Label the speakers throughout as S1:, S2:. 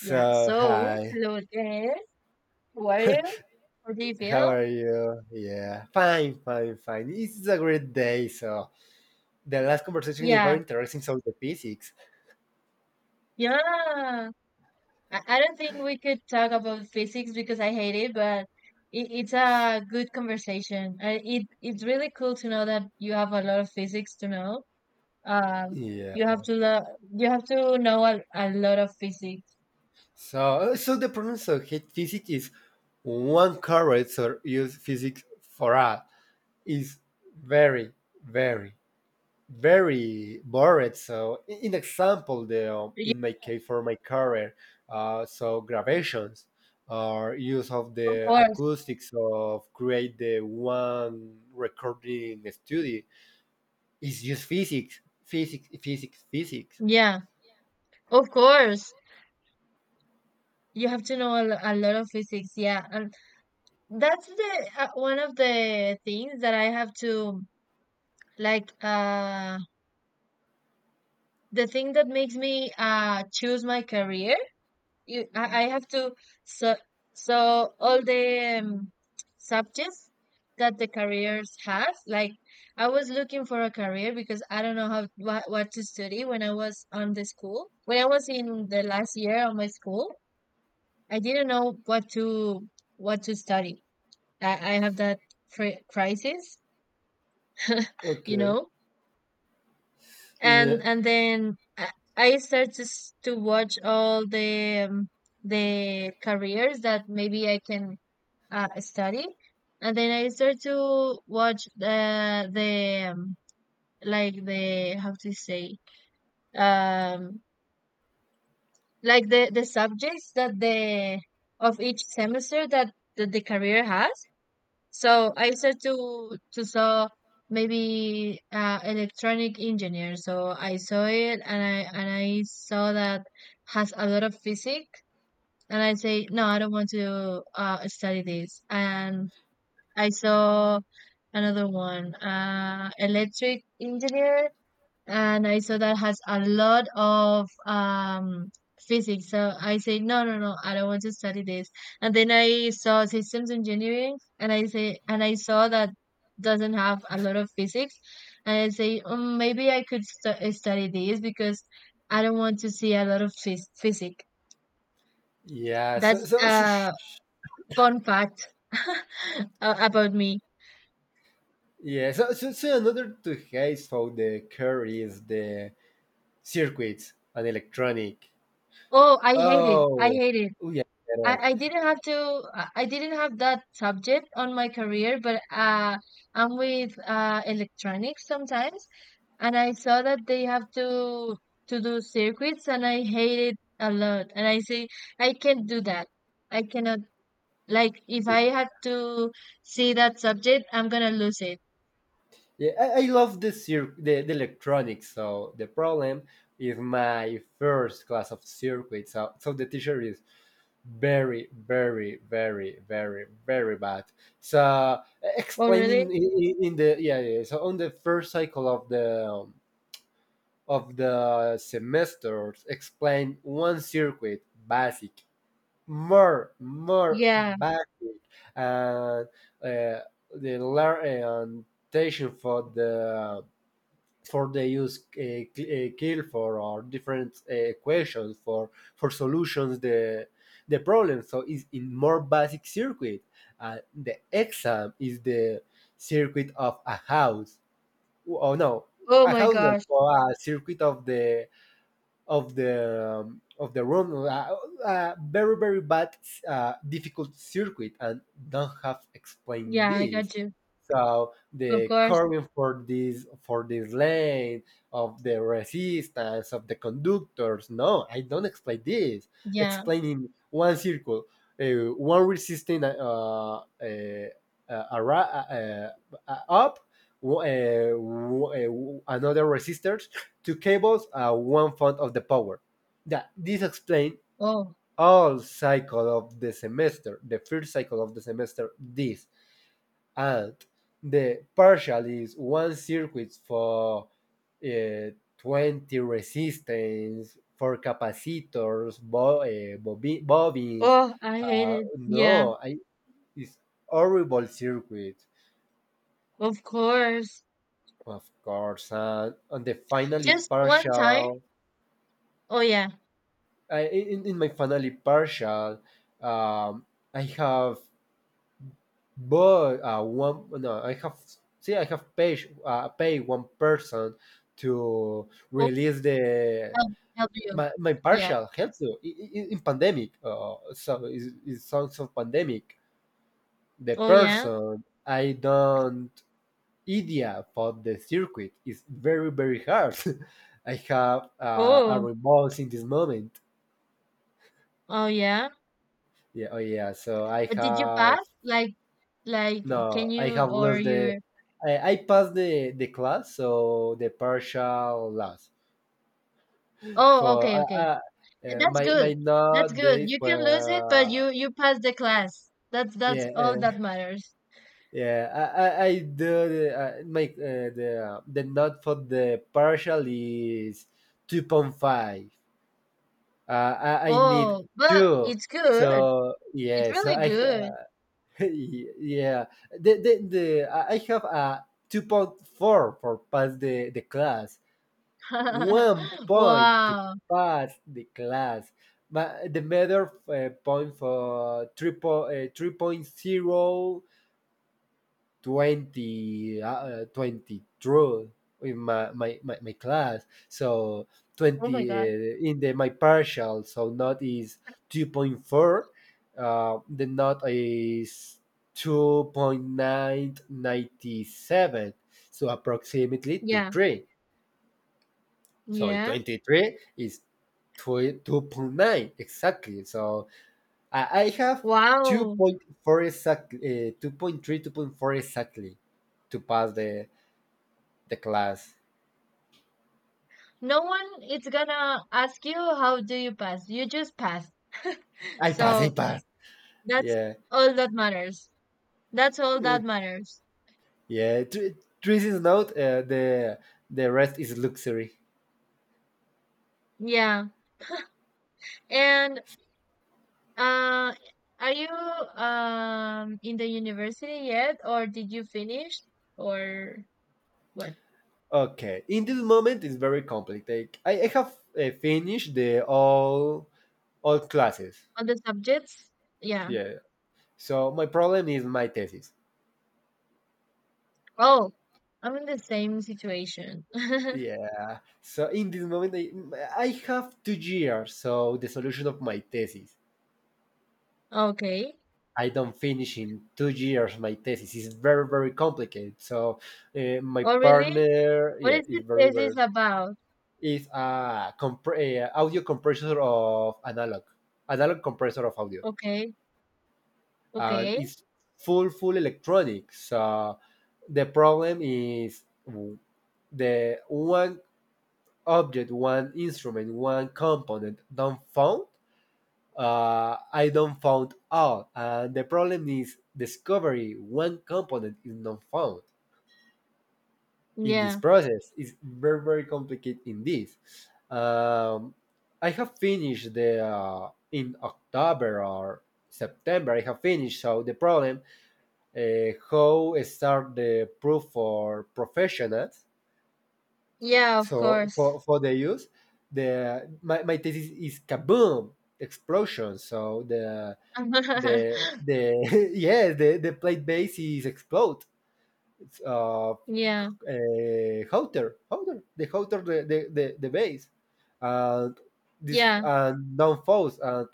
S1: Yeah, so
S2: hi,
S1: hello again. How are you? How do you
S2: how
S1: feel?
S2: are you? Yeah, fine, fine, fine. It's a great day. So, the last conversation is very
S1: Yeah,
S2: interesting. So, the physics.
S1: yeah. I don't think we could talk about physics because I hate it, but it's a good conversation. It's really cool to know that you have a lot of physics to know. Um,
S2: Yeah.
S1: you have to lo you have to know a lot of physics.
S2: So the problems of heat physics is one correct or use physics for all is very, very very bored. So, in example, the
S1: Yeah,
S2: in my case for my career, so gravations or use of
S1: of
S2: the
S1: course.
S2: acoustics of create the one recording studio is just physics, physics, physics, physics.
S1: Yeah, of course. You have to know a lot of physics. Yeah, and that's the one of the things that I have to. Like the thing that makes me choose my career I have to, so so all the subjects that the careers has, like I was looking for a career because I don't know how what to study when I was on the school, when I was in the last year of my school. I didn't know what to study. I have that crisis. You
S2: Okay.
S1: know,
S2: Yeah,
S1: and then I start to watch all the careers that maybe I can study, and then I start to watch the like, the how to say, um like the subjects that the of each semester that, that the career has. So I said to saw maybe electronic engineer. So I saw it, and I saw that has a lot of physics, and I say no, I don't want to study this. And I saw another one, electric engineer, and I saw that has a lot of physics. So I say, no, no, no, I don't want to study this. And then I saw systems engineering, and I say, and I saw that doesn't have a lot of physics. And I say, maybe I could study this because I don't want to see a lot of physics.
S2: yeah. So,
S1: That's
S2: so, shush.
S1: a fun fact a- about me.
S2: Yeah. So another two case for the curve is the circuits and electronic.
S1: Oh, I hate it. I
S2: Oh,
S1: hate it.
S2: oh yeah, I get
S1: I,
S2: it.
S1: I didn't have to I I didn't have that subject on my career, but I'm with electronics sometimes, and I saw that they have to do circuits, and I hate it a lot. And I say I can't do that. I cannot, like, if I had to see that subject, I'm gonna lose it.
S2: Yeah, I love the electronics. So the problem is my first class of circuit. So the teacher is very very very very very bad. So
S1: Oh
S2: explaining
S1: really?
S2: in the yeah, yeah so on the first cycle of the semesters, explain one circuit basic, more
S1: Yeah.
S2: basic, and uh, the learn and for the for they use kill for or different equations for solutions the problem so it's in more basic circuit the exam is the circuit of a house oh no
S1: Oh
S2: a
S1: my
S2: house no,
S1: gosh.
S2: for a circuit of the of the run very very bad difficult circuit and don't have explained
S1: Yeah, I
S2: this
S1: got you.
S2: so
S1: Of
S2: the
S1: course.
S2: curving for this lane of the resistance of the conductors no I don't explain this
S1: Yeah.
S2: explaining one circle one resistance uh, ara- uh, up w- uh, another resistors two cables are one fourth of the power. That this explains
S1: Oh.
S2: all cycle of the semester, the first cycle of the semester, this and the partial is one circuit for uh, 20 resistance, for capacitors, bobbins.
S1: Oh, I hate it. Yeah.
S2: No, it's horrible circuit,
S1: Of course.
S2: of course. And the finally
S1: Just one time?
S2: partial.
S1: Oh yeah.
S2: In my finally partial, um, I have but one no, I have see I have pay pay one person to
S1: Oh,
S2: release the
S1: help you.
S2: my
S1: Yeah.
S2: partial helps you in pandemic. So it's songs of pandemic. The
S1: Oh yeah.
S2: person I don't idea for the circuit is very very hard. I have a
S1: Oh.
S2: remorse in this moment.
S1: Oh yeah.
S2: Yeah, oh yeah. So I
S1: But did you
S2: have.
S1: pass? Like
S2: No,
S1: can
S2: I
S1: you,
S2: have
S1: or
S2: lost the.
S1: you're
S2: I passed the class, so the partial loss.
S1: Oh,
S2: For
S1: okay, okay. And that's
S2: my
S1: good.
S2: my
S1: That's
S2: not
S1: good.
S2: days
S1: You can
S2: were
S1: lose it, but you pass the class. That's
S2: yeah
S1: all that matters.
S2: yeah I do the, my the not for the partial is 2.5. Uh, I need
S1: Oh, but
S2: two.
S1: it's good.
S2: So
S1: It's
S2: yeah, so
S1: really
S2: I
S1: good.
S2: yeah the I have a 2.4 for pass the class. One point to
S1: Wow.
S2: pass the class. But the matter point for 3.0 3.0 20 in my class. So
S1: Oh my
S2: 20
S1: God.
S2: in the my partial, so not is 2.4. The not is 2.997. So approximately to
S1: Yeah.
S2: 3. So
S1: Yeah.
S2: 23 is two 2.9 exactly. So I have
S1: Wow.
S2: 2.4 exactly, 2.3, exactly to pass the class.
S1: No one is gonna ask you how do you pass, you just pass.
S2: I pass, I
S1: So
S2: pass.
S1: that's
S2: Yeah,
S1: all that matters, that's all that
S2: it,
S1: matters.
S2: yeah. Three is not the rest is luxury.
S1: Yeah, and uh are you in the university yet, or did you finish, or what?
S2: Okay, in this moment it's very complicated. I have finished the all classes.
S1: On the subjects. Yeah.
S2: Yeah. So my problem is my thesis.
S1: Oh, I'm in the same situation.
S2: Yeah. So in this moment, I have 2 years. So the solution of my thesis,
S1: Okay.
S2: I don't finish in 2 years. My thesis is very very complicated. So my
S1: Oh really?
S2: partner,
S1: What
S2: yeah,
S1: is your
S2: is very
S1: thesis
S2: very
S1: about?
S2: is a audio compressor of analog, analog compressor of audio,
S1: Okay.
S2: and
S1: Okay.
S2: it's full electronic. So the problem is the one object, one instrument, one component don't found I don't found all. And the problem is discovery one component is not found in this
S1: Yeah.
S2: process. It's very very complicated in this. Um, I have finished the in October or September. I have finished. So the problem how start the proof for professionals.
S1: Yeah, of
S2: So
S1: course.
S2: for the use, the my thesis is kaboom explosion. So the the yes the plate base is explode it's
S1: Yeah,
S2: Houter Houter the the base and this
S1: yeah,
S2: and down falls and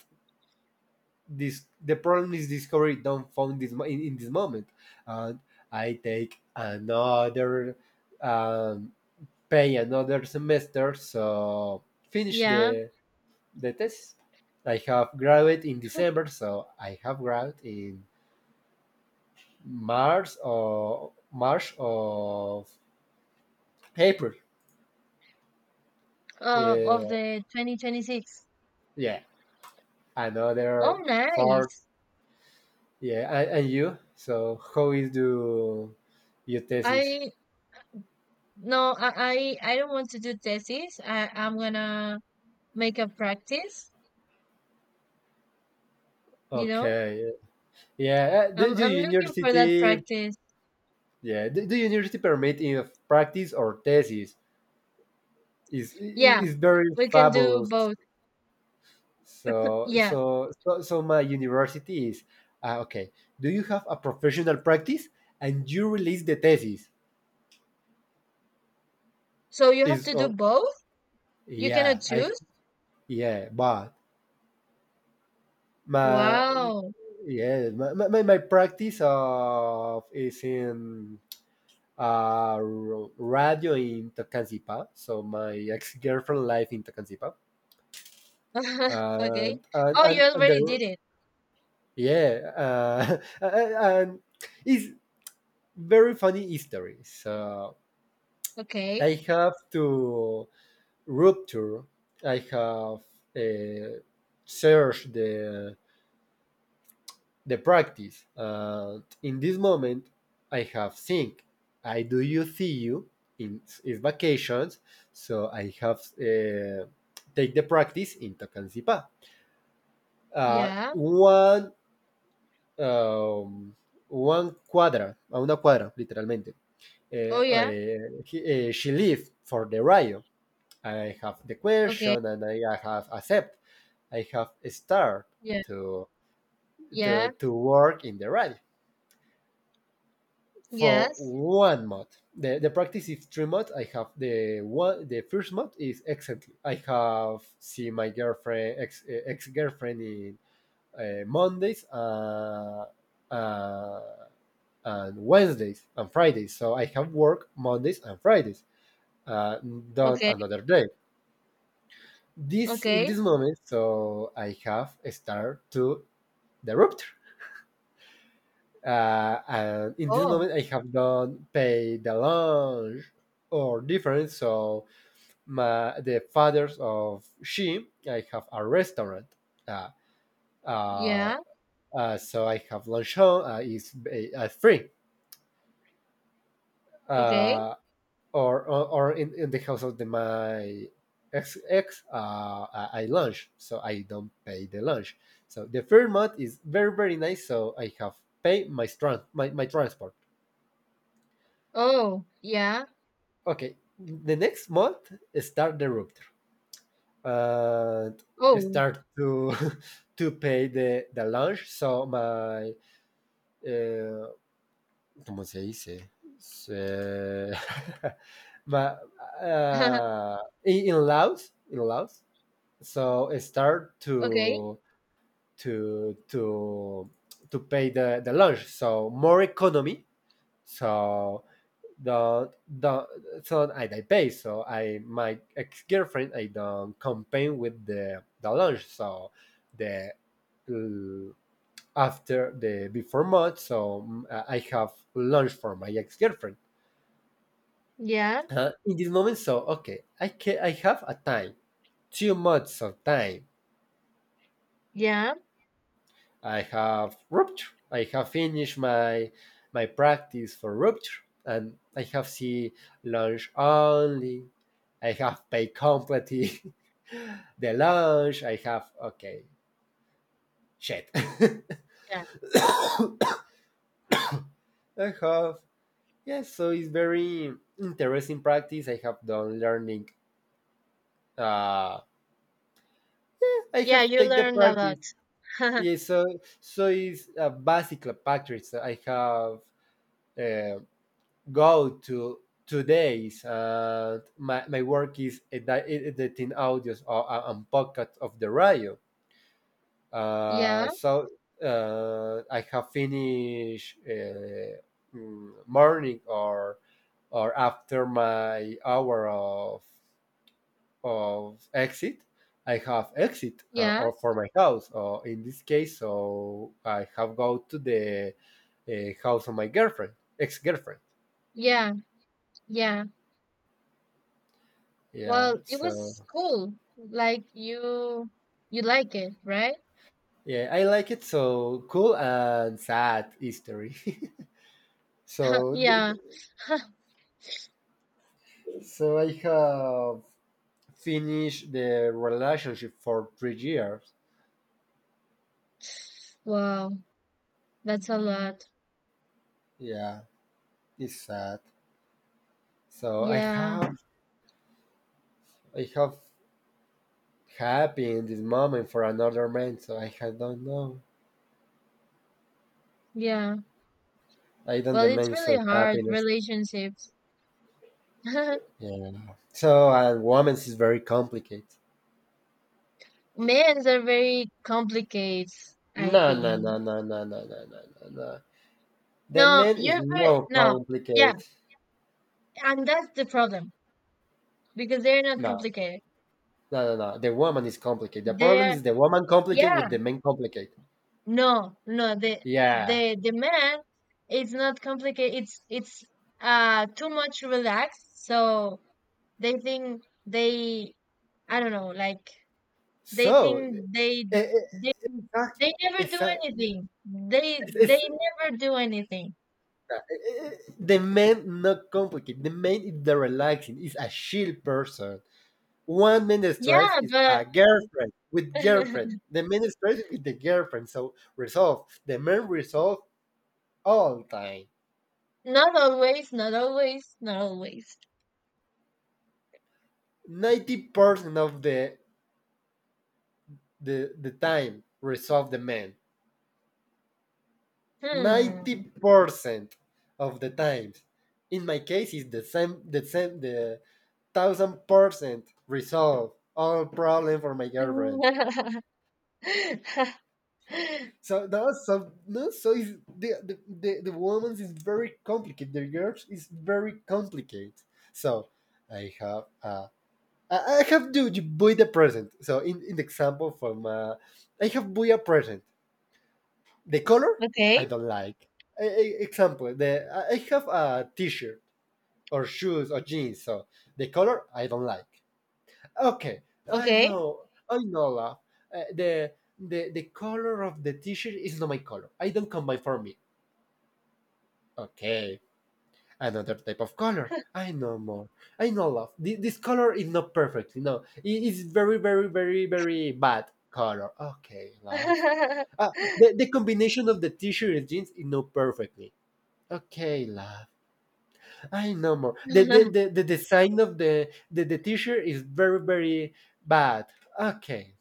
S2: this the problem is discovery down found this in this moment and I take another um pay another semester so finish
S1: yeah.
S2: the test. I have graduated in December so I have graduated in March or March of April.
S1: Of
S2: Yeah,
S1: the 2026.
S2: yeah,
S1: Oh,
S2: another four.
S1: nice.
S2: Yeah, and you. So how is do your thesis?
S1: I, no, I don't want to do thesis. I'm gonna make a practice, you know?
S2: Okay. Yeah. uh, Do,
S1: I'm
S2: do
S1: I'm looking for that
S2: university?
S1: practice.
S2: Yeah. Do university permit in practice or thesis? Is
S1: Yeah,
S2: is very
S1: we can do
S2: fabulous.
S1: both.
S2: So
S1: Yeah.
S2: so so, so my university is okay. Do you have a professional practice and you release the thesis?
S1: So you have
S2: Is
S1: to do both? You cannot
S2: Yeah, I
S1: choose?
S2: yeah, but my
S1: Wow.
S2: yeah, my practice of is in uh r- radio in Tocancipa. So my ex girlfriend live in Tocancipa,
S1: Okay.
S2: and and
S1: Oh, you
S2: and, and
S1: already
S2: the
S1: did it.
S2: yeah, and it's very funny history. So
S1: Okay.
S2: I have to rupture. I have uh, searched the practice. In this moment, I have think. I do you see you in is vacations, so I have take the practice in Tocancipá. Uh,
S1: Yeah.
S2: one um, One cuadra, a una cuadra, literalmente.
S1: Oh,
S2: Eh,
S1: yeah.
S2: eh, she lived for the Rio. I have the
S1: Okay.
S2: question and I have accept. I have start
S1: Yeah.
S2: to
S1: Yeah.
S2: to work in the Rio. For
S1: Yes.
S2: one mod. The practice is 3 mods. I have the one the first mod is excellently. I have see my girlfriend ex ex girlfriend in Mondays, uh, and Wednesdays and Fridays. So I have work Mondays and Fridays. Not
S1: Okay,
S2: another day. This in this
S1: okay.
S2: moment, so I have start to the rupture. And in this
S1: Oh,
S2: moment, I have not paid the lunch or difference. So the fathers of she, I have a restaurant. Uh, uh,
S1: yeah.
S2: so I have lunch home is free.
S1: Okay.
S2: Uh, or in the house of the, my ex, I lunch, so I don't pay the lunch. So the third month is very very nice. So I have paid my my transport.
S1: Oh, yeah.
S2: Okay, the next month start the rupture and
S1: Oh.
S2: start to to pay the lunch so my uh, como se dice Se- my uh, in Laos in Laos so I start
S1: Okay.
S2: to to to to pay the lunch so more economy so the so I they pay. So I my ex girlfriend I don't campaign with the launch. So the uh, after the before month, so I have lunch for my ex girlfriend.
S1: Yeah.
S2: In this moment, so okay, I can I have a time 2 months of time
S1: Yeah.
S2: I have rupture. I have finished my practice for rupture, and I have see lunch only. I have paid completely the lunch. I have okay shit.
S1: Yeah.
S2: I have yes. So it's very interesting practice. I have done learning. Uh, I
S1: Yeah,
S2: have
S1: you
S2: take the
S1: learned a lot.
S2: practice. Yeah, so it's a basic practice. I have uh, go to 2 days. My work is editing audios or, and podcast of the radio. Uh,
S1: Yeah.
S2: so uh, I have finished morning or after my hour of exit. I have exit
S1: Yeah.
S2: or for my house or in this case, so I have go to the house of my girlfriend, ex girlfriend.
S1: Yeah. Yeah.
S2: Yeah,
S1: Well, it
S2: so
S1: was cool. Like, you like it, right?
S2: yeah, I like it. So cool and sad history. so, th-
S1: Yeah.
S2: so I have finished the relationship for 3 years.
S1: Wow, that's a lot.
S2: Yeah, it's sad. So I
S1: Yeah,
S2: have, I have happy in this moment for another man. So I don't know.
S1: yeah.
S2: I don't
S1: Well, it's
S2: demand
S1: really
S2: so
S1: hard,
S2: happiness.
S1: relationships.
S2: Yeah. So and women's is very complicated.
S1: Men's are very complicated, I
S2: No, no, no,
S1: think.
S2: no, no, no, no, no, no. No. The
S1: No,
S2: man is
S1: you're very,
S2: no
S1: no, yeah,
S2: complicated.
S1: and that's the problem because they're not
S2: No,
S1: complicated.
S2: no, no, no. The woman is complicated. The problem
S1: They're
S2: is the woman complicate with
S1: yeah,
S2: the man complicate.
S1: no, no, the
S2: Yeah.
S1: the the man is not complicated. It's too much relaxed, so they think they I don't know, like they
S2: So,
S1: think
S2: eh, eh,
S1: they they never
S2: it's
S1: do
S2: exactly.
S1: anything. They
S2: It's, it's,
S1: never do anything.
S2: the man not complicated. The man is the relaxing. Is a chill person. One man stress
S1: Yeah,
S2: is
S1: but
S2: a girlfriend with girlfriend. The man stress is with the girlfriend. So resolve. The man resolve all time.
S1: not always, not always, not always.
S2: 90% of the time resolve the man.
S1: Hmm.
S2: 90% of the times. In my case, it's the same, the same, the 1,000% resolve all problem for my girlfriend. So that's so no, so is the woman's is very complicated. The girls is very complicated. So I have uh, I have to you buy the present. So in the example from I have buy a present. The color I
S1: Okay,
S2: don't like. Example the I have a t-shirt or shoes or jeans. So the color I don't like. Okay, I
S1: okay.
S2: know, I know. Love. Uh, the the color of the t-shirt is not my color. I don't combine for me. Okay, another type of color. I know more. I know, love. This color is not perfect. No, it is very, very, very, very bad color. Okay, love. The combination of the t-shirt and jeans is not perfectly. Okay, love. I know more. The the, the, the design of the t-shirt is very very bad. Okay.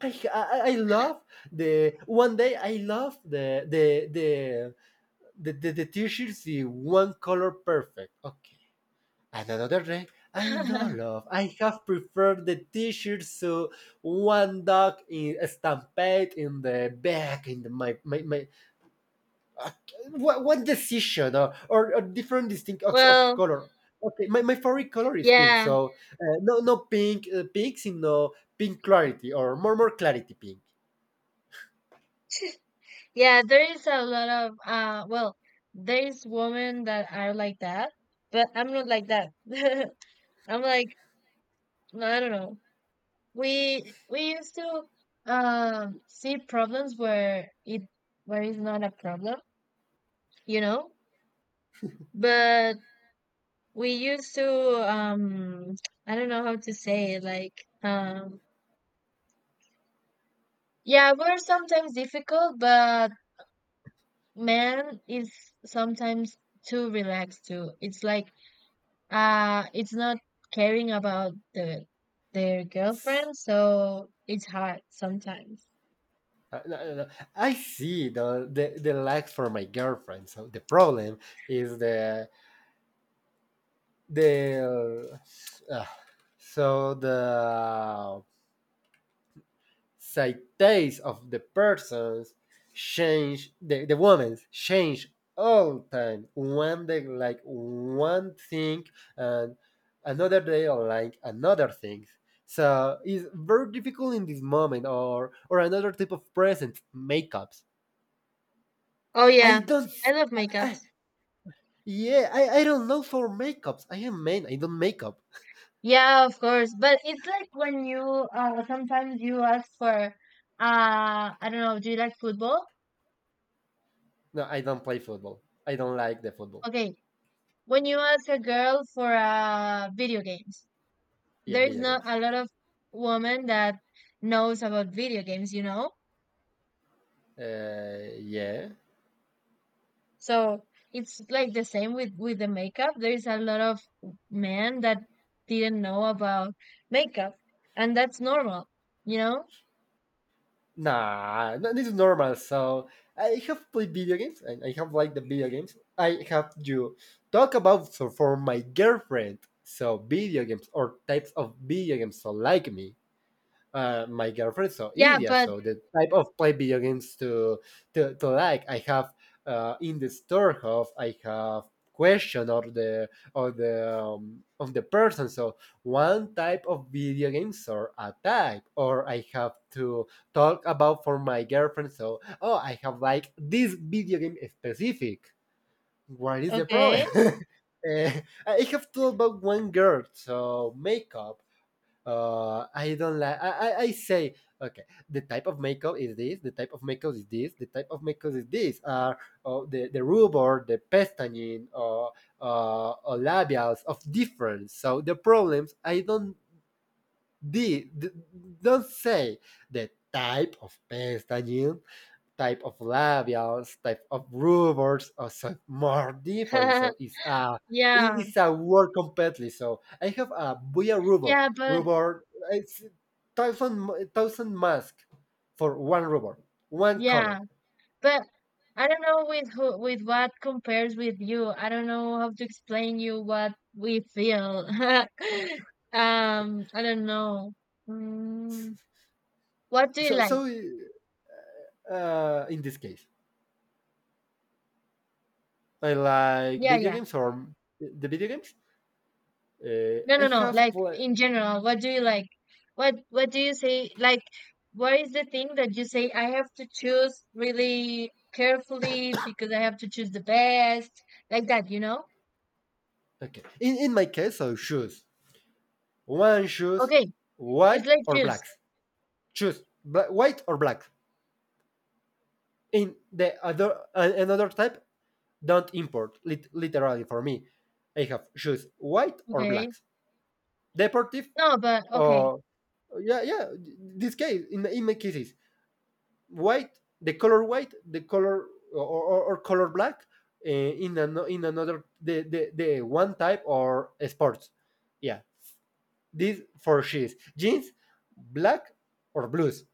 S2: I love the one day. I love the t-shirts in one color perfect. Okay. And another day I know love. I have preferred the t-shirts, so one dog is stamped in the back in my uh, what decision, or different distinct of
S1: Well,
S2: color. Okay, my favorite color is pink,
S1: yeah,
S2: so no pink, pink, no pink clarity, or more clarity pink.
S1: yeah, there is a lot of well, there is women that are like that, but I'm not like that. I'm like, no, I don't know. We used to see problems where it, where it's not a problem, you know? But we used to I don't know how to say it, like, um yeah, we're sometimes difficult, but man is sometimes too relaxed too. It's like it's not caring about the their girlfriend, so it's hard sometimes.
S2: No, no, no. I see the likes for my girlfriend, so the problem is the uh, the sights of the persons change. The women's change all time. One day like one thing, and another day like another thing. So it's very difficult in this moment, or another type of present makeups.
S1: Oh
S2: I
S1: yeah,
S2: don't
S1: I love
S2: I,
S1: makeups.
S2: yeah, I don't know for makeups. I am man, I don't makeup.
S1: Yeah, of course, but it's like when you sometimes you ask for I don't know, do you like football?
S2: No, I don't play football. I don't like the football.
S1: Okay. When you ask a girl for video games,
S2: Yeah,
S1: there is
S2: video
S1: not
S2: games.
S1: a lot of women that knows about video games, you know?
S2: Yeah.
S1: So it's like the same with the makeup. There is a lot of men that didn't know about makeup, and that's normal, you know?
S2: Nah, no, this is normal. So I have played video games and I have liked the video games. I have you talk about so for my girlfriend. So video games, or types of video games, so like me, my girlfriend so
S1: Yeah,
S2: idiot.
S1: but
S2: So the type of play video games, to like I have, in the store of I have question or the of the person. So one type of video games, or a type, or I have to talk about for my girlfriend. So, oh, I have like this video game specific. What is the problem?
S1: okay.
S2: I have to about one girl, so makeup, I don't like. I say, okay, the type of makeup is this, the type of makeup is this, the type of makeup is this. Are the rubor, the pestañin, or or labials of different? So the problems, I don't de- d- don't say the type of pestañin, type of labials, type of rubbers are so more different. So it's a
S1: Yeah,
S2: it's a word completely. So I have a Buya rubber,
S1: yeah, but
S2: rubber. It's thousand mask for one rubber, one
S1: yeah.
S2: color.
S1: But I don't know with who, with what compares with you. I don't know how to explain you what we feel. Um, I don't know. Mm, what do you
S2: So
S1: like?
S2: so in this case, I like
S1: Yeah,
S2: video
S1: yeah.
S2: games, or the video games. Uh,
S1: No,
S2: I
S1: no, no.
S2: have
S1: Like
S2: pla-
S1: in general, what do you like? What do you say? Like, what is the thing that you say I have to choose really carefully because I have to choose the best, like that, you know?
S2: okay. In my case, so shoes, one shoes,
S1: Okay, it's
S2: white
S1: like
S2: or
S1: choose.
S2: blacks. Choose white or black. In the other, another type, don't import literally for me. I have shoes white or
S1: Okay.
S2: blacks, deportive,
S1: No, but okay.
S2: or yeah yeah, this case, in my cases, white the color, white the color, or color black. In another, the one type or sports. Yeah, this for shoes, jeans, black or blues,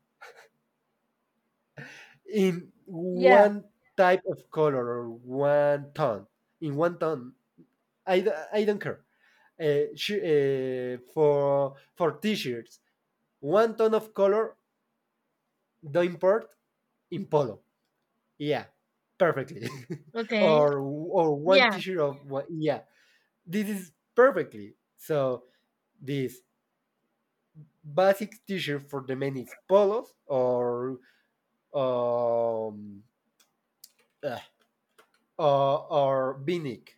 S2: in
S1: Yeah.
S2: one type of color, or one tone, in one tone. I don't care. For t-shirts, one tone of color, the import in polo. Yeah, perfectly.
S1: Okay.
S2: Or one
S1: Yeah,
S2: t-shirt of one, yeah, this is perfectly. So this basic t-shirt for the men is polos, or um uh, or beanick.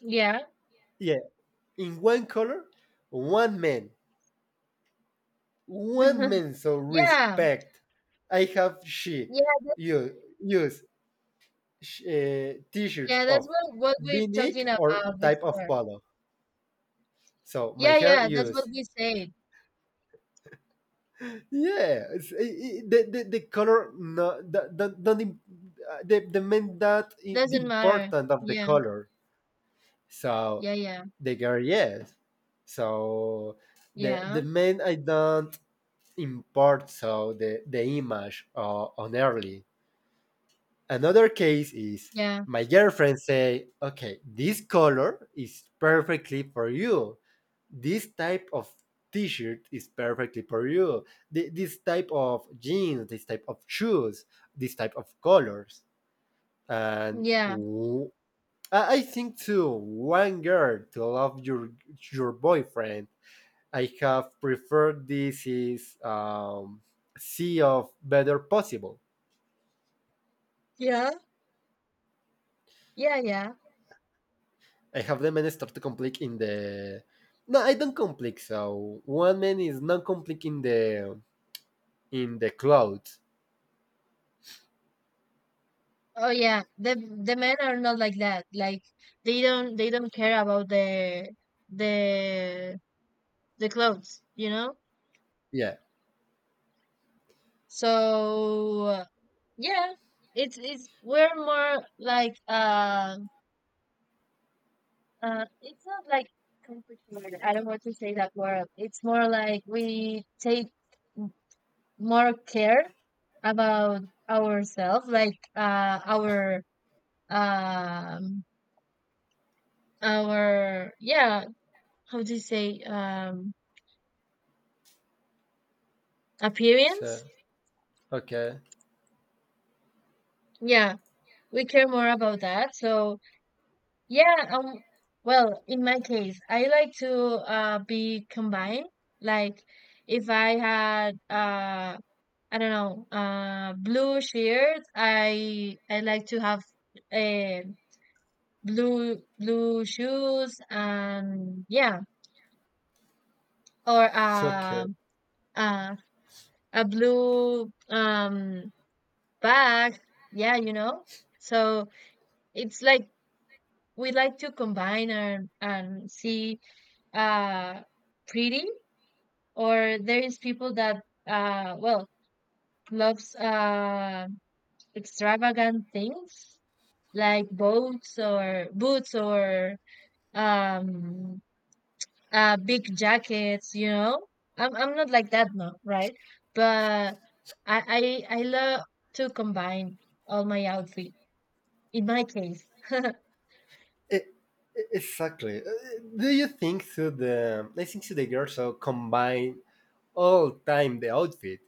S1: yeah,
S2: Yeah, in one color, one man, women so
S1: yeah,
S2: respect. I have she
S1: yeah,
S2: you use t-shirts
S1: yeah. That's
S2: of
S1: what we're
S2: V-neck,
S1: talking
S2: or
S1: about
S2: type of
S1: before.
S2: polo. So my
S1: Yeah,
S2: hair
S1: yeah. That's what
S2: use,
S1: we said.
S2: yeah it's, the color, no don't. The men that the
S1: Doesn't matter.
S2: important of the
S1: Yeah,
S2: color. So
S1: yeah, yeah,
S2: the girl, yes. So the
S1: yeah,
S2: men I don't import, so the image on early. Another case is,
S1: yeah,
S2: my girlfriend say, "Okay, this color is perfectly for you. This type of t-shirt is perfectly for you. This type of jeans, this type of shoes, this type of colors." And
S1: yeah,
S2: w- I think too, one girl to love your boyfriend. I have preferred this is sea of better possible.
S1: yeah, yeah, yeah.
S2: I have the many start to complete in the. No, I don't complete. So one man is not complete in the cloud.
S1: Oh yeah. The men are not like that. Like, they don't, they don't care about the the the clothes. You know.
S2: Yeah.
S1: So yeah, it's we're more like it's not like complicated. I don't want to say that word. It's more like we take more care about ourselves, like um, our yeah, how do you say
S2: So
S1: appearance?
S2: okay.
S1: Yeah, we care more about that. So yeah, well, in my case, I like to be combined. Like, if I had I don't know, blue shirt. I like to have uh, blue shoes and yeah, or
S2: So, okay.
S1: uh, a blue bag. Yeah, you know. So it's like we like to combine and see uh pretty, or there is people that well, loves extravagant things like boats or boots or um big jackets, you know. I'm not like that, no, right, but i I love to combine all my outfit, in my case.
S2: E- exactly. Do you think so? The I think so. The girls so combine all time the outfit.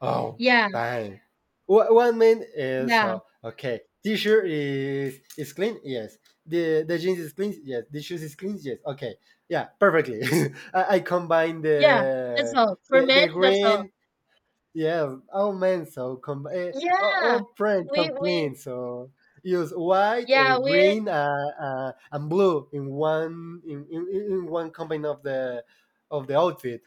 S2: Oh,
S1: Yeah,
S2: dang. One main is
S1: yeah,
S2: okay. T-shirt is clean. Yes. The jeans is clean. Yes. The shoes is clean. Yes. Okay. Yeah. Perfectly. I combine
S1: yeah, that's
S2: the,
S1: all for
S2: the
S1: men,
S2: the
S1: that's all.
S2: green. Yeah. All men so com- uh, all
S1: Yeah,
S2: all print
S1: we
S2: so
S1: we
S2: clean. So use white,
S1: yeah,
S2: a
S1: we're
S2: green, and blue in one in one combine of the outfit.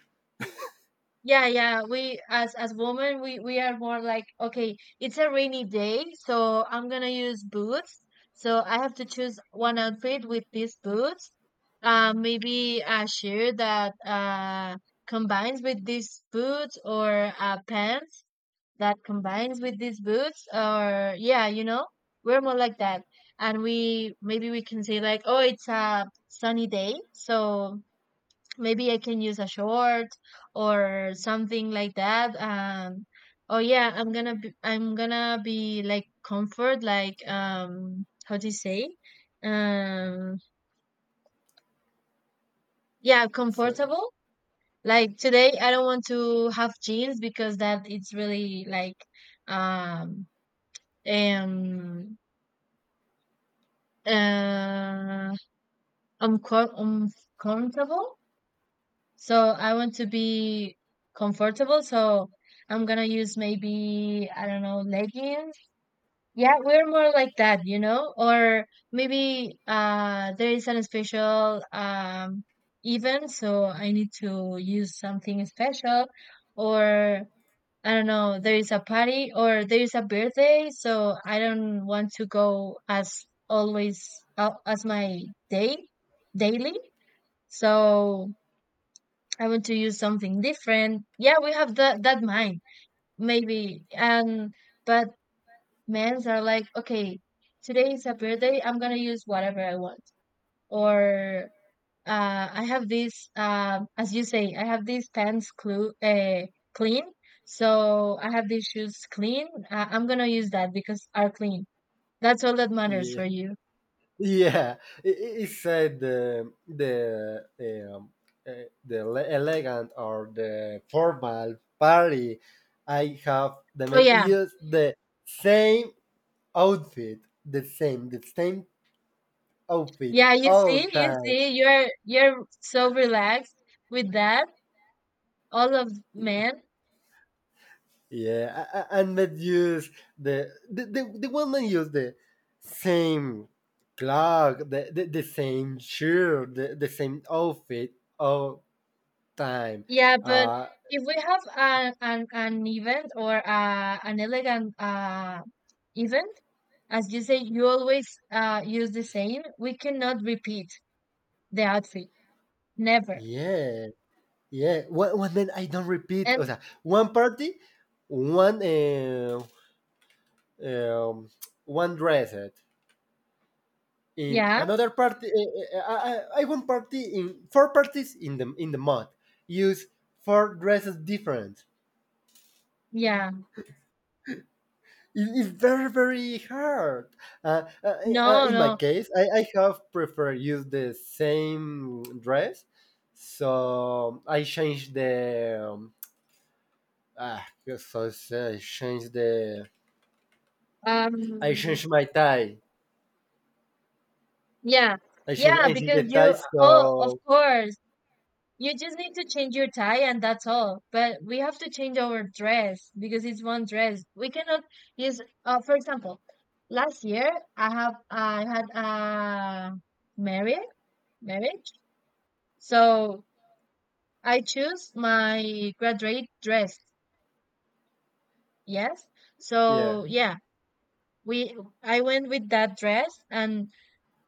S1: Yeah, yeah. We as women, we are more like, okay, it's a rainy day, so I'm gonna use boots. So I have to choose one outfit with these boots. Maybe a shirt that combines with these boots, or pants that combines with these boots, or yeah, you know, we're more like that. And we maybe we can say like, oh, it's a sunny day, so maybe I can use a short or something like that. Oh yeah, I'm gonna be like comfort, like, how do you say? Um, yeah,
S2: So
S1: comfortable. Like today, I don't want to have jeans because that it's really like um um uh uncom- uncomfortable. So I want to be comfortable. So I'm gonna use maybe, I don't know, leggings. Yeah, we're more like that, you know? Or maybe there is an special event, so I need to use something special, or I don't know, there is a party or there is a birthday, so I don't want to go as always as my day daily. So I want to use something different. Yeah, we have that that mind, maybe. And but men's are like, okay, today is a birthday. I'm gonna use whatever I want. Or I have this as you say, I have these pants clean. So I have these shoes clean. I'm gonna use that because are clean. That's all that matters
S2: yeah.
S1: for you.
S2: Yeah, he said uh, the elegant, or the formal party. I have the
S1: Oh
S2: men
S1: yeah,
S2: use the same outfit, the same outfit
S1: yeah.
S2: all
S1: You
S2: time.
S1: see, you're so relaxed with that. All of men
S2: Yeah, and men use the woman use the same clock, the same shirt, the same outfit all time.
S1: Yeah, but
S2: Uh,
S1: if we have an event or an elegant event, as you say, you always use the same. We cannot repeat the outfit, never.
S2: yeah. Yeah, one man I don't repeat. O
S1: And
S2: sea, one party, one uh, um, one dress. Eh. In
S1: yeah,
S2: another party, I one party in four parties in the month use four dresses different.
S1: yeah,
S2: It is very very hard.
S1: no,
S2: In my
S1: no,
S2: case, I have prefer use the same dress, so I change the ah, I change the I
S1: um,
S2: changed my tie.
S1: yeah,
S2: I changed,
S1: yeah,
S2: I changed the
S1: because
S2: tie.
S1: you. Oh, of
S2: So
S1: course. You just need to change your tie and that's all. But we have to change our dress because it's one dress. We cannot use, for example, last year I had a marriage marriage. So I choose my graduate dress. Yes.
S2: yeah.
S1: So yeah, we I went with that dress and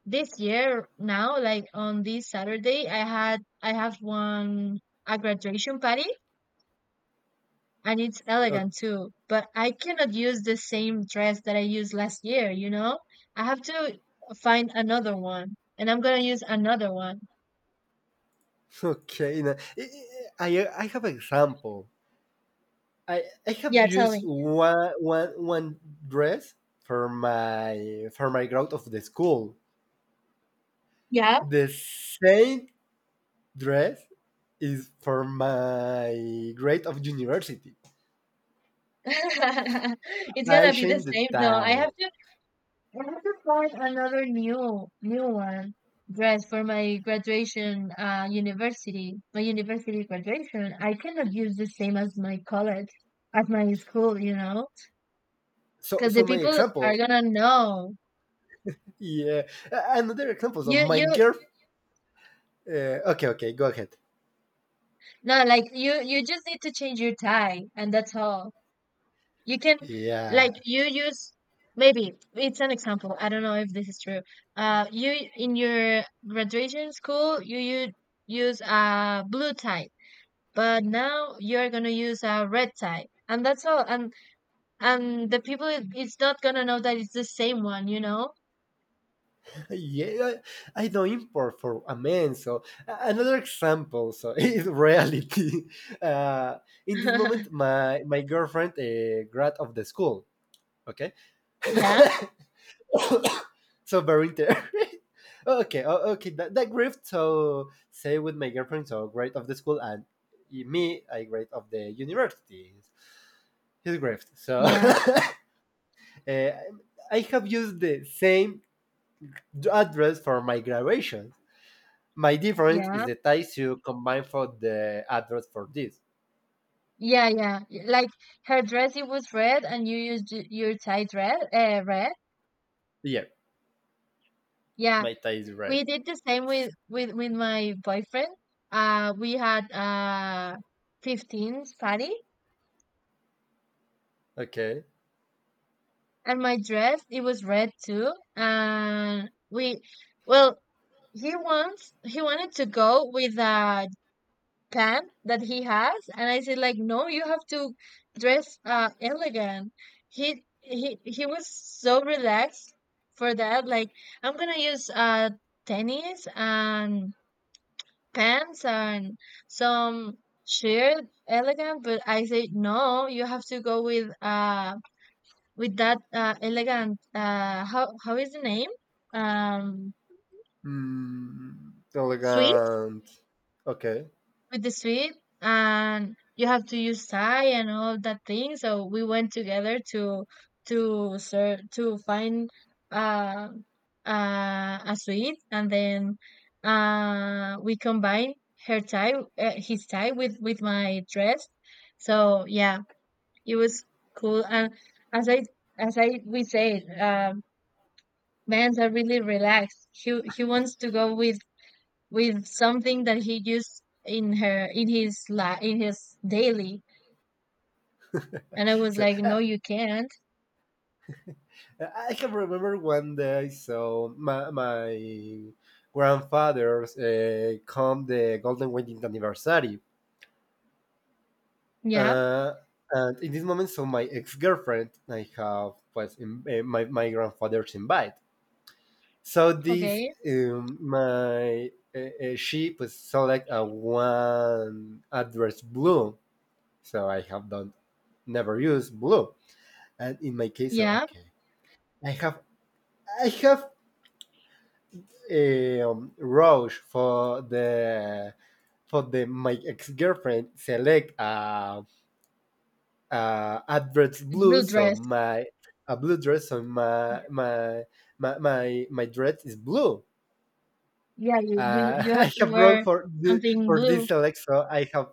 S1: this year now, like on this Saturday, I have one a graduation party and it's
S2: O-
S1: elegant too. But I cannot use the same dress that I used last year, you know? I have to find another one, and I'm gonna use another one.
S2: Okay. Now, I have example. I have
S1: Yeah, tell
S2: used
S1: me.
S2: one dress for my grad of the school.
S1: Yeah.
S2: The same dress is for my grade of university.
S1: It's
S2: I
S1: gonna be the
S2: changed the
S1: same. No, I
S2: tie.
S1: have to find another new one dress for my graduation university. My university graduation. I cannot use the same as my college, as my school, you know?
S2: So
S1: Because the
S2: so my
S1: people are
S2: example.
S1: gonna know.
S2: Yeah. Another example. So
S1: You
S2: my
S1: you
S2: girl. Okay. Okay. Go ahead.
S1: No, like you just need to change your tie and that's all. You can
S2: Yeah.
S1: like you use maybe it's an example. I don't know if this is true. You in your graduation school you use a blue tie, but now you're going to use a red tie. And that's all. And the people it's not going to know that it's the same one, you know?
S2: yeah, I don't import for a man, so another example, so is reality, uh, in this moment my girlfriend grad of the school. Okay.
S1: Yeah.
S2: So very okay, that grief so say with my girlfriend so grade of the school, and me, I grade of the university, his grade so.
S1: Yeah.
S2: uh, I have used the same address for my graduation. My difference is
S1: Yeah.
S2: the tie you combine for the address for this.
S1: Yeah, yeah. Like her dress it was red and you used your tie red, red.
S2: Yeah,
S1: Yeah,
S2: my tie is red.
S1: we did the same with with my boyfriend. We had 15 party,
S2: Okay.
S1: and my dress it was red too. Well, he wanted to go with a pant that he has, and I said like, no, you have to dress elegant. He was so relaxed for that. Like, I'm gonna use tennis and pants and some shirt elegant, but I say no, you have to go with that elegant how is the name? um
S2: Mm,
S1: suit
S2: elegant. Okay.
S1: with the sweet, and you have to use tie and all that thing. So we went together to to find uh, a sweet, and then we combined her tie his tie with my dress. So yeah, it was cool. And as i as I we say, men's are really relaxed. He wants to go with something that he used in her in his daily, and I was
S2: So
S1: like,
S2: uh,
S1: no, you can't.
S2: I can remember one day. So my grandfather's come the Golden Wedding anniversary.
S1: Yeah.
S2: Uh, and in this moment, so my ex girlfriend I have was in, my grandfather's invite. So this
S1: Okay.
S2: my she was select a one address blue. So I have done never use blue, and in my case, so
S1: Yeah.
S2: okay, I have I have Roche for the my ex girlfriend select a address
S1: The
S2: blue.
S1: blue
S2: So
S1: dress.
S2: my a blue dress, so my
S1: Yeah.
S2: my my my, my dress is blue.
S1: Yeah, you have
S2: I
S1: to
S2: have wrote
S1: wear
S2: for
S1: something
S2: for
S1: blue.
S2: this Alexa. I have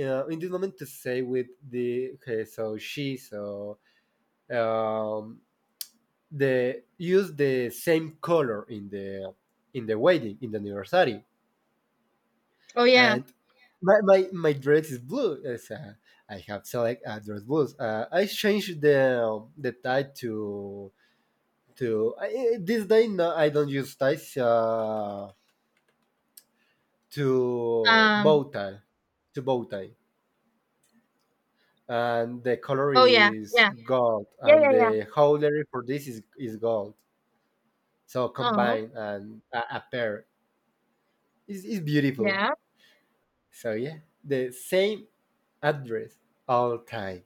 S2: in this moment to say with the okay, so she so um, the use the same color in the wedding in the anniversary,
S1: Oh yeah.
S2: and my dress is blue. Yes, I have select dress blues. I changed the tie to this day. No, I don't use ties. To bow
S1: um
S2: tie, to bow tie. And the color
S1: oh yeah,
S2: is
S1: yeah,
S2: gold,
S1: yeah,
S2: and
S1: yeah, yeah.
S2: the holder for this is gold. So
S1: No.
S2: combined, and a pair is beautiful.
S1: Yeah.
S2: So yeah, the same address all time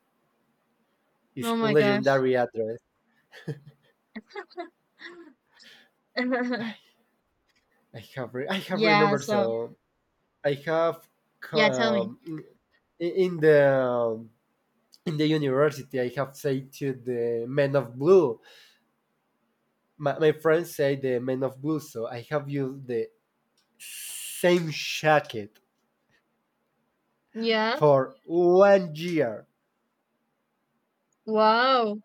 S2: is
S1: Oh my gosh.
S2: legendary address. I have
S1: Yeah,
S2: remembered
S1: so
S2: so. I have
S1: yeah, tell me.
S2: um, in, in the um, in the university, I have said to the men of blue. My friends say the men of blue, so I have used the same jacket
S1: Yeah.
S2: for one year.
S1: Wow.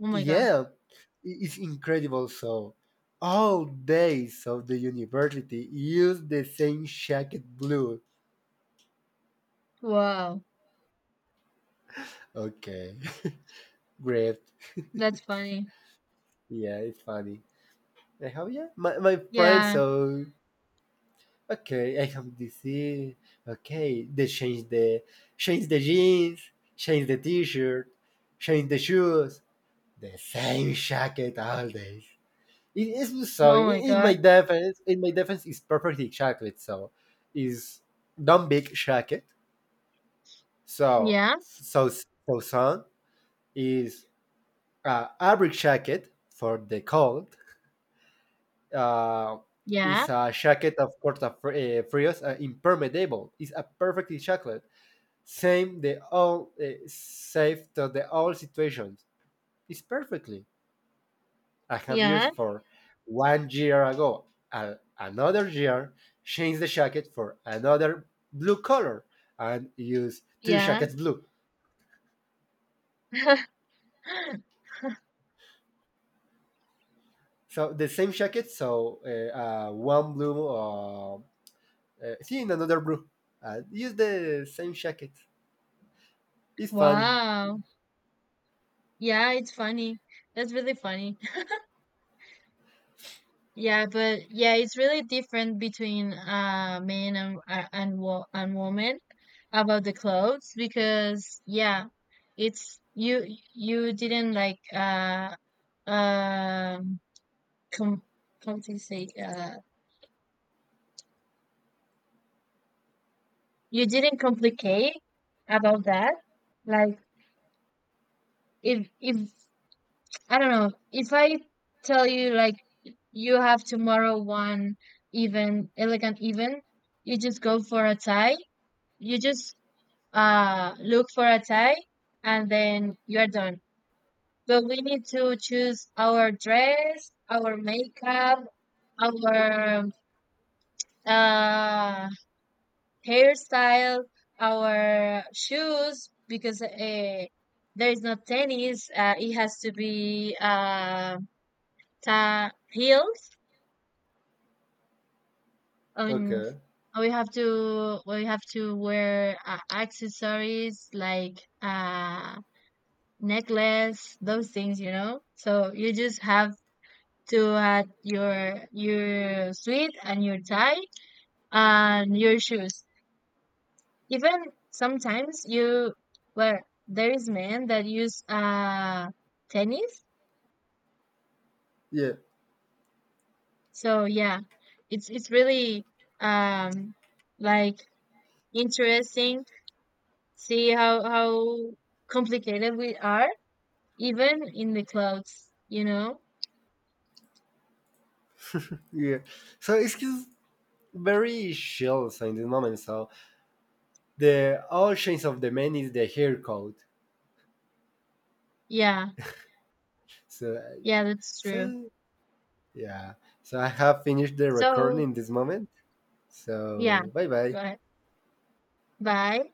S1: Oh my god.
S2: Yeah, it's incredible. So, all days of the university use the same jacket blue.
S1: Wow.
S2: Okay. Great.
S1: That's funny.
S2: Yeah, it's funny. I have, yeah, my friend.
S1: Yeah.
S2: So okay, I have DC. Okay, they change the jeans, change the t-shirt, change the shoes. The same jacket all days. It is so.
S1: Oh my
S2: In
S1: god.
S2: my defense, in my defense, is perfectly chocolate. So, is don't big jacket. So,
S1: Yeah.
S2: so sun is a average jacket for the cold. Uh,
S1: Yeah,
S2: is a jacket, of course, of frios, impermeable. Is a perfectly chocolate. Same the all, safe to the all situations. It's perfectly. I have used
S1: yeah,
S2: for one year ago. And another year, change the jacket for another blue color, and use two
S1: yeah.
S2: jackets blue. So the same jacket, so one blue, see in another blue. And use the same jacket. It's funny.
S1: Wow. Yeah, it's funny. That's really funny. Yeah, but yeah, it's really different between men and wo and women about the clothes, because yeah, it's you. You didn't like um com how do you say, you didn't complicate about that. Like, if I don't know. If I tell you like you have tomorrow one even elegant even, you just go for a tie. You just look for a tie and then you're done. But we need to choose our dress, our makeup, our uh hairstyle, our shoes, because there is no tennis. It has to be heels. Um,
S2: Okay.
S1: we have to wear accessories like necklace, those things, you know. So you just have to add your suit and your tie and your shoes. Even sometimes you, well, there is men that use tennis.
S2: Yeah.
S1: So yeah, it's really um like interesting. See how complicated we are, even in the clothes, you know?
S2: Yeah. So it's just very chill in this moment. So the all change of the man is the hair code.
S1: Yeah,
S2: So uh,
S1: yeah, that's true.
S2: so yeah. So I have finished the
S1: So
S2: recording this moment.
S1: yeah,
S2: So bye
S1: go
S2: bye.
S1: ahead. Bye.